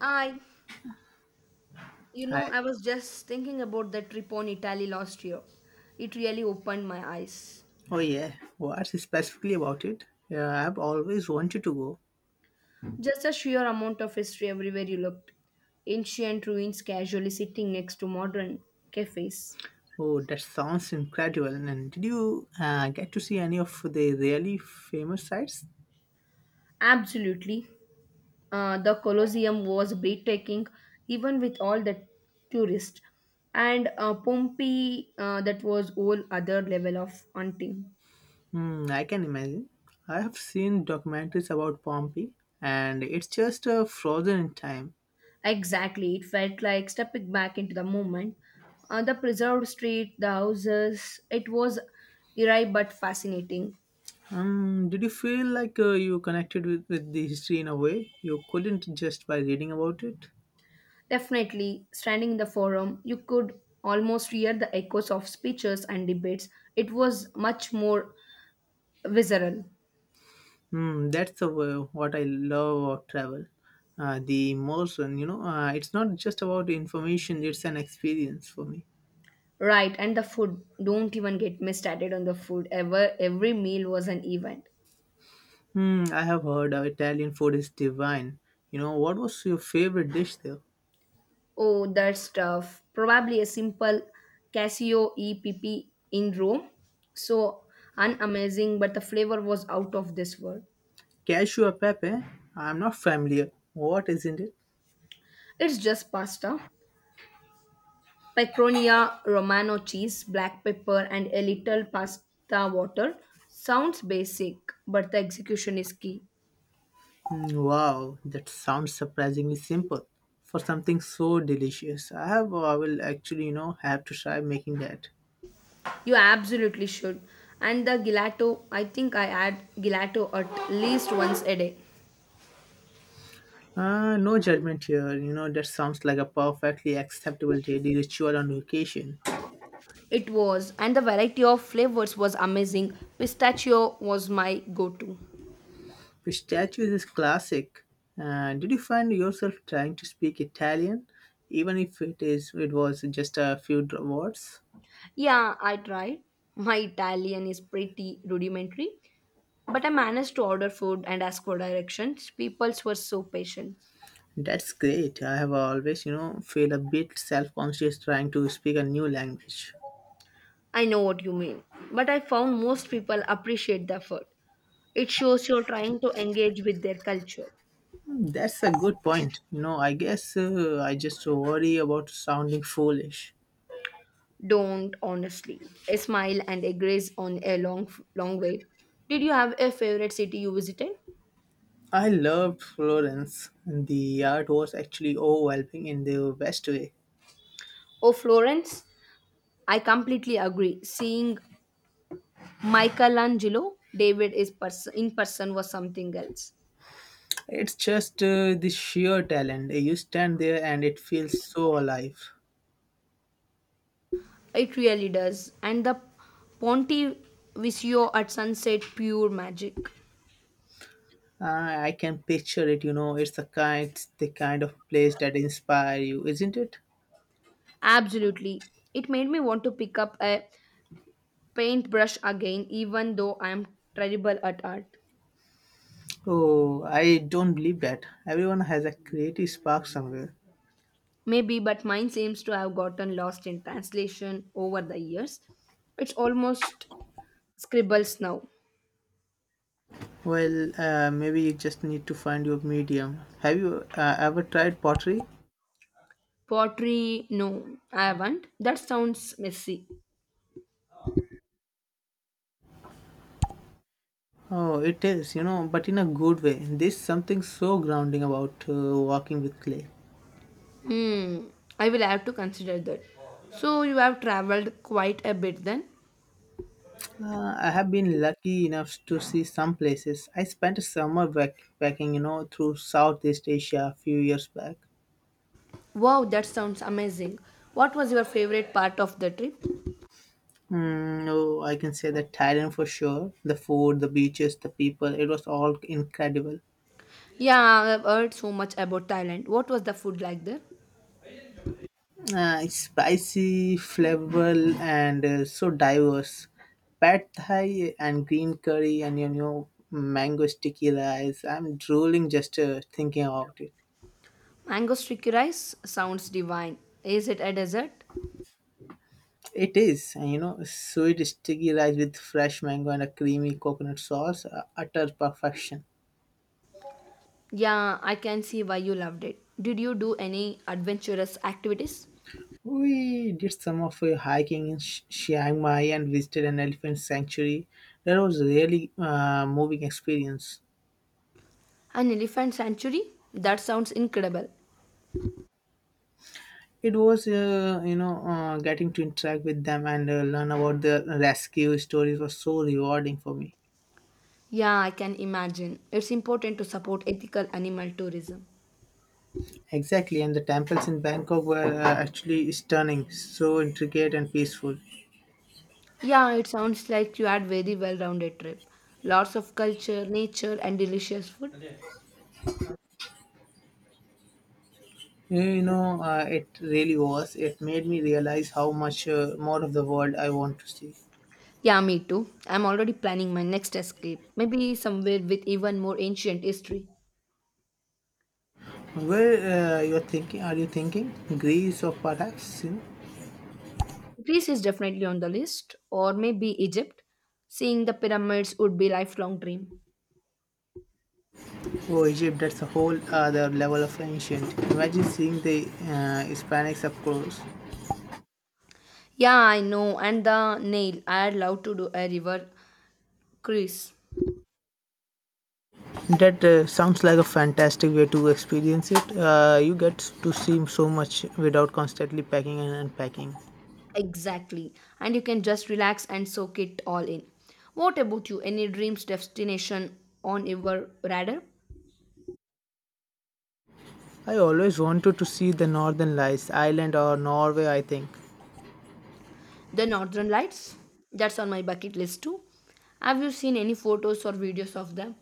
I, you know, Hi. I was just thinking about that trip on Italy last year. It really opened my eyes. Oh, yeah. What's specifically about it? Yeah, I've always wanted to go. Just a sheer amount of history everywhere you looked. Ancient ruins casually sitting next to modern cafes. Oh, that sounds incredible. And did you get to see any of the really famous sites? Absolutely. The Colosseum was breathtaking, even with all the tourists. And Pompeii, that was whole other level of hunting. Hmm, I can imagine. I have seen documentaries about Pompeii, and it's just frozen in time. Exactly, it felt like stepping back into the moment. The preserved street, the houses, it was eerie but fascinating. Did you feel like you connected with the history in a way you couldn't just by reading about it? Definitely, standing in the forum, you could almost hear the echoes of speeches and debates. It was much more visceral. Hmm, that's what I love about travel. The immersion, it's not just about information, it's an experience for me. Right, and the food, don't even get me started on the food. Ever, every meal was an event. Hmm, I have heard Italian food is divine. You know, what was your favorite dish there? Oh, that's tough. Probably a simple Casio EPP in Rome. So unamazing, but the flavor was out of this world. Cashew e pepe? I'm not familiar. What isn't it? It's just pasta, pecronia, romano cheese, black pepper, and a little pasta water. Sounds basic, but the execution is key. Hmm, wow, that sounds surprisingly simple for something so delicious. I have, I will actually, you know, have to try making that. You absolutely should. And the gelato, I think I add gelato at least once a day. No judgment here. You know, that sounds like a perfectly acceptable daily ritual on vacation. It was, and the variety of flavors was amazing. Pistachio was my go to. Pistachios is classic. Did you find yourself trying to speak Italian, even if it was just a few words? Yeah, I tried. My Italian is pretty rudimentary, but I managed to order food and ask for directions. People were so patient. That's great. I have always, you know, feel a bit self-conscious trying to speak a new language. I know what you mean, but I found most people appreciate the effort. It shows you're trying to engage with their culture. Hmm, that's a good point. You know, I guess I just worry about sounding foolish. Don't, honestly. A smile and a grace on a long, long way. Did you have a favorite city you visited? I loved Florence. The art was actually overwhelming in the best way. Oh, Florence? I completely agree. Seeing Michelangelo David is in person was something else. It's just the sheer talent. You stand there and it feels so alive. It really does. And the Pontivicio at sunset, pure magic. I can picture it. You know, it's the kind of place that inspire you, isn't it? Absolutely. It made me want to pick up a paintbrush again, even though I am terrible at art. Oh, I don't believe that. Everyone has a creative spark somewhere. Maybe, but mine seems to have gotten lost in translation over the years. It's almost scribbles now. Well, maybe you just need to find your medium. Have you ever tried pottery? Pottery, no, I haven't. That sounds messy. Oh, it is, you know, but in a good way. There's something so grounding about walking with clay. Hmm, I will have to consider that. So you have traveled quite a bit then? I have been lucky enough to see some places. I spent a summer backpacking, you know, through Southeast Asia a few years back. Wow, that sounds amazing. What was your favorite part of the trip? Mm, oh, I can say that Thailand for sure. The food, the beaches, the people, it was all incredible. Yeah, I've heard so much about Thailand. What was the food like there? Uh, it's spicy, flavorful, and so diverse. Pad Thai and green curry and, you know, mango sticky rice. I'm drooling just thinking about it. Mango sticky rice sounds divine. Is it a dessert? It is, and, you know, sweet sticky rice with fresh mango and a creamy coconut sauce, utter perfection. Yeah, I can see why you loved it. Did you do any adventurous activities? We did some of hiking in Chiang Mai and visited an elephant sanctuary. That was a really moving experience. An elephant sanctuary? That sounds incredible. It was, getting to interact with them and learn about their rescue stories was so rewarding for me. Yeah, I can imagine. It's important to support ethical animal tourism. Exactly, and the temples in Bangkok were actually stunning, so intricate and peaceful. Yeah, it sounds like you had very well-rounded trip. Lots of culture, nature, and delicious food. You know, it really was. It made me realize how much more of the world I want to see. Yeah, me too. I'm already planning my next escape. Maybe somewhere with even more ancient history. Where you're thinking? Are you thinking Greece or perhaps, you know. Greece is definitely on the list, or maybe Egypt. Seeing the pyramids would be lifelong dream. Oh, Egypt? That's a whole other level of ancient. Imagine seeing the Hispanics up close. Yeah, I know. And the nail, I'd love to do a river cruise. That sounds like a fantastic way to experience it. You get to see so much without constantly packing and unpacking. Exactly. And you can just relax and soak it all in. What about you? Any dreams destination on your radar? I always wanted to see the Northern Lights, Ireland or Norway, I think. The Northern Lights, that's on my bucket list too. Have you seen any photos or videos of them?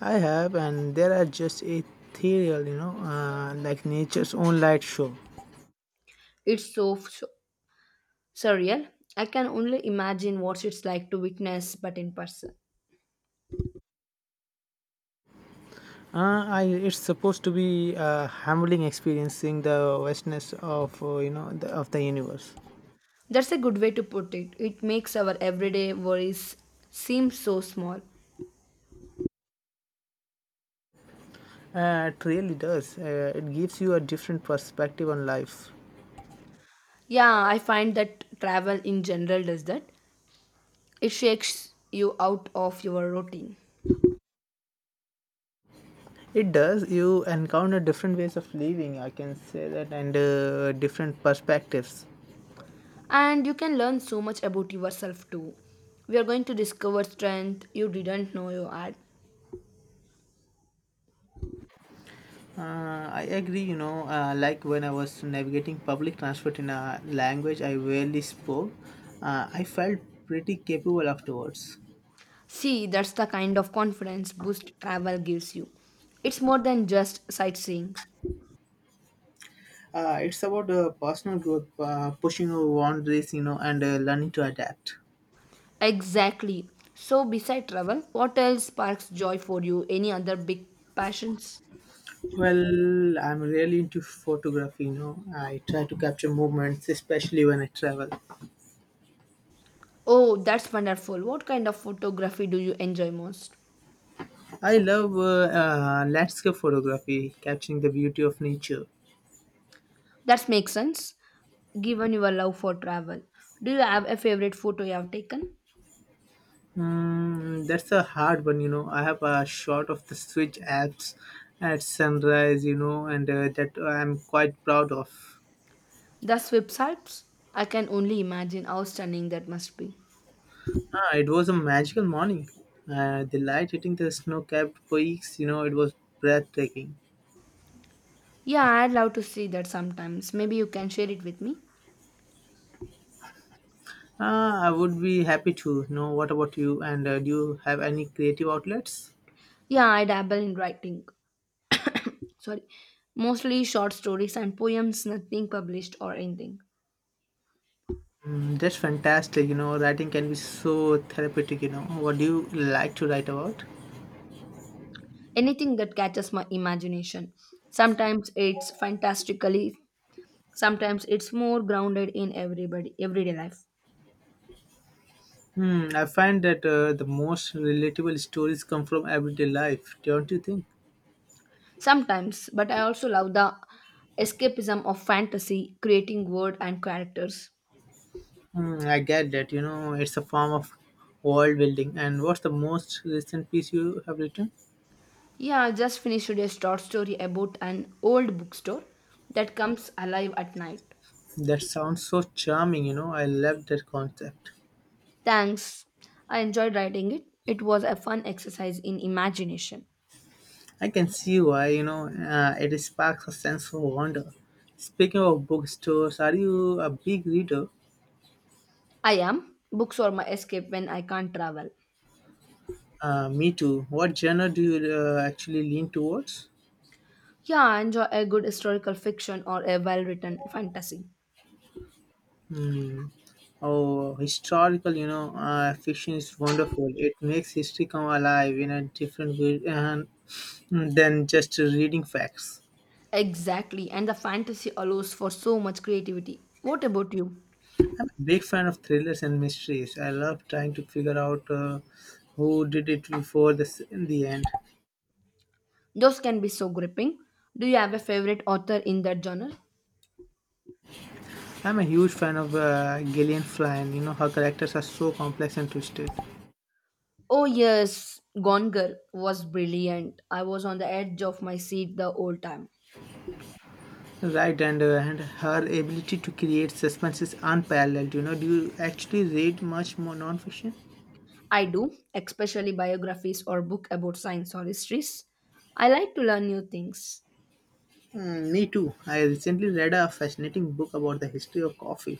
I have, and there are just ethereal, you know, like nature's own light show. It's so, so surreal. I can only imagine what it's like to witness, but in person. It's supposed to be a humbling experience seeing the vastness of, of the universe. That's a good way to put it. It makes our everyday worries seem so small. It really does. It gives you a different perspective on life. Yeah, I find that travel in general does that. It shakes you out of your routine. It does. You encounter different ways of living, I can say that, and different perspectives. And you can learn so much about yourself too. We are going to discover strength you didn't know you had. I agree, you know, like when I was navigating public transport in a language I rarely spoke, I felt pretty capable afterwards. See, that's the kind of confidence boost travel gives you. It's more than just sightseeing. It's about personal growth, pushing over boundaries, you know, and learning to adapt. Exactly. So, beside travel, what else sparks joy for you? Any other big passions? Well, I'm really into photography, you know. I try to capture movements, especially when I travel. Oh, that's wonderful. What kind of photography do you enjoy most? I love landscape photography, capturing the beauty of nature. That makes sense, given your love for travel. Do you have a favorite photo you have taken? Mm, that's a hard one, you know. I have a shot of the Switch apps at sunrise, you know, and that I'm quite proud of. The Swiss Alps? I can only imagine how stunning that must be. Ah, it was a magical morning. The light hitting the snow-capped peaks, you know, it was breathtaking. Yeah, I'd love to see that sometimes. Maybe you can share it with me. Ah, I would be happy to know. What about you? And do you have any creative outlets? Yeah, I dabble in writing. Sorry. Mostly short stories and poems, nothing published or anything. Mm, that's fantastic. You know, writing can be so therapeutic. You know, what do you like to write about? Anything that catches my imagination. Sometimes it's fantastically, sometimes it's more grounded in everybody everyday life. Hmm, I find that the most relatable stories come from everyday life, don't you think? Sometimes, but I also love the escapism of fantasy, creating world and characters. Hmm, I get that. You know, it's a form of world building. And what's the most recent piece you have written? Yeah, I just finished a short story about an old bookstore that comes alive at night. That sounds so charming. You know, I love that concept. Thanks. I enjoyed writing it. It was a fun exercise in imagination. I can see why. You know, it sparks a sense of wonder. Speaking of bookstores, are you a big reader? I am. Books are my escape when I can't travel. Me too. What genre do you actually lean towards? Yeah, I enjoy a good historical fiction or a well written fantasy. Oh, historical, you know, fiction is wonderful. It makes history come alive in a different way and mm, than just reading facts. Exactly, and the fantasy allows for so much creativity. What about you? I'm a big fan of thrillers and mysteries. I love trying to figure out who did it before this in the end. Those can be so gripping. Do you have a favorite author in that genre? I'm a huge fan of Gillian Flynn. You know, her characters are so complex and twisted. Oh, yes, Gone Girl was brilliant. I was on the edge of my seat the whole time. Right, and and her ability to create suspense is unparalleled. You know, do you actually read much more nonfiction? I do, especially biographies or book about science or histories. I like to learn new things. Mm, me too. I recently read a fascinating book about the history of coffee.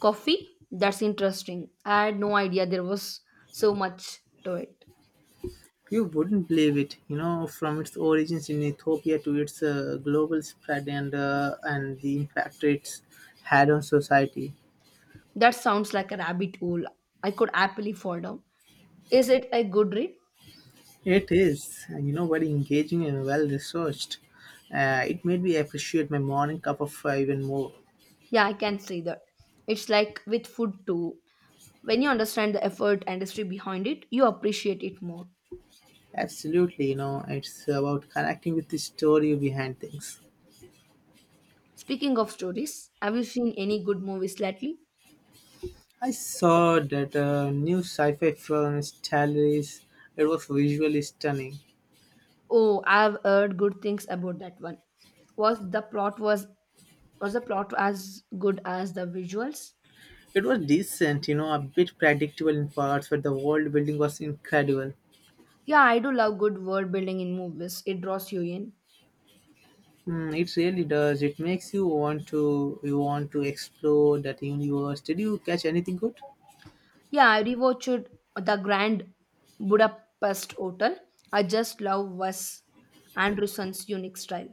Coffee? That's interesting. I had no idea there was so much to it. You wouldn't believe it. You know, from its origins in Ethiopia to its global spread and the impact it's had on society. That sounds like a rabbit hole. I could happily fall down. Is it a good read? It is, you know, very engaging and well researched. It made me appreciate my morning cup of even more. Yeah, I can say that. It's like with food too. When you understand the effort and history behind it, you appreciate it more. Absolutely, you know, it's about connecting with the story behind things. Speaking of stories, have you seen any good movies lately? I saw that new sci-fi film Stellaris. It was visually stunning. Oh, I've heard good things about that one. Was the plot was was the plot as good as the visuals? It was decent, you know, a bit predictable in parts, but the world building was incredible. Yeah, I do love good world building in movies. It draws you in. Mm, it really does. It makes you want to explore that universe. Did you catch anything good? Yeah, I rewatched the Grand Budapest Hotel. I just love Wes Anderson's unique style.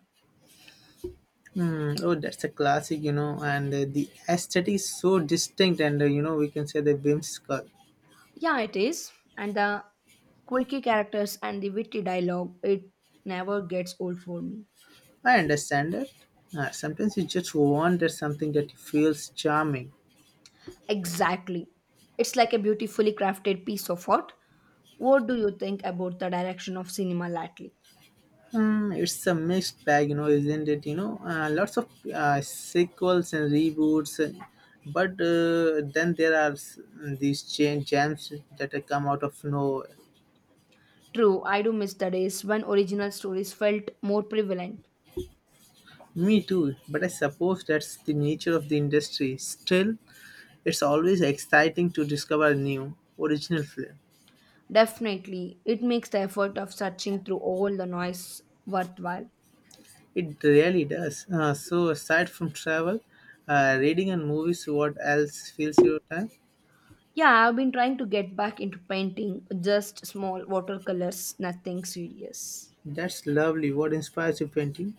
Hmm. Oh, that's a classic, you know, and the aesthetic is so distinct, and, you know, we can say the whimsical. Yeah, it is, and the quirky characters and the witty dialogue. It never gets old for me. I understand that. Sometimes you just want that something that feels charming. Exactly. It's like a beautifully crafted piece of art. What do you think about the direction of cinema lately? Hmm, it's a mixed bag, you know, isn't it? You know, lots of sequels and reboots, but then there are these change jams that come out of nowhere. True, I do miss the days when original stories felt more prevalent. Me too, but I suppose that's the nature of the industry. Still, it's always exciting to discover new original film. Definitely, it makes the effort of searching through all the noise worthwhile. It really does. So aside from travel, reading and movies, what else fills your time? Yeah, I've been trying to get back into painting, just small watercolors, nothing serious. That's lovely. What inspires you painting?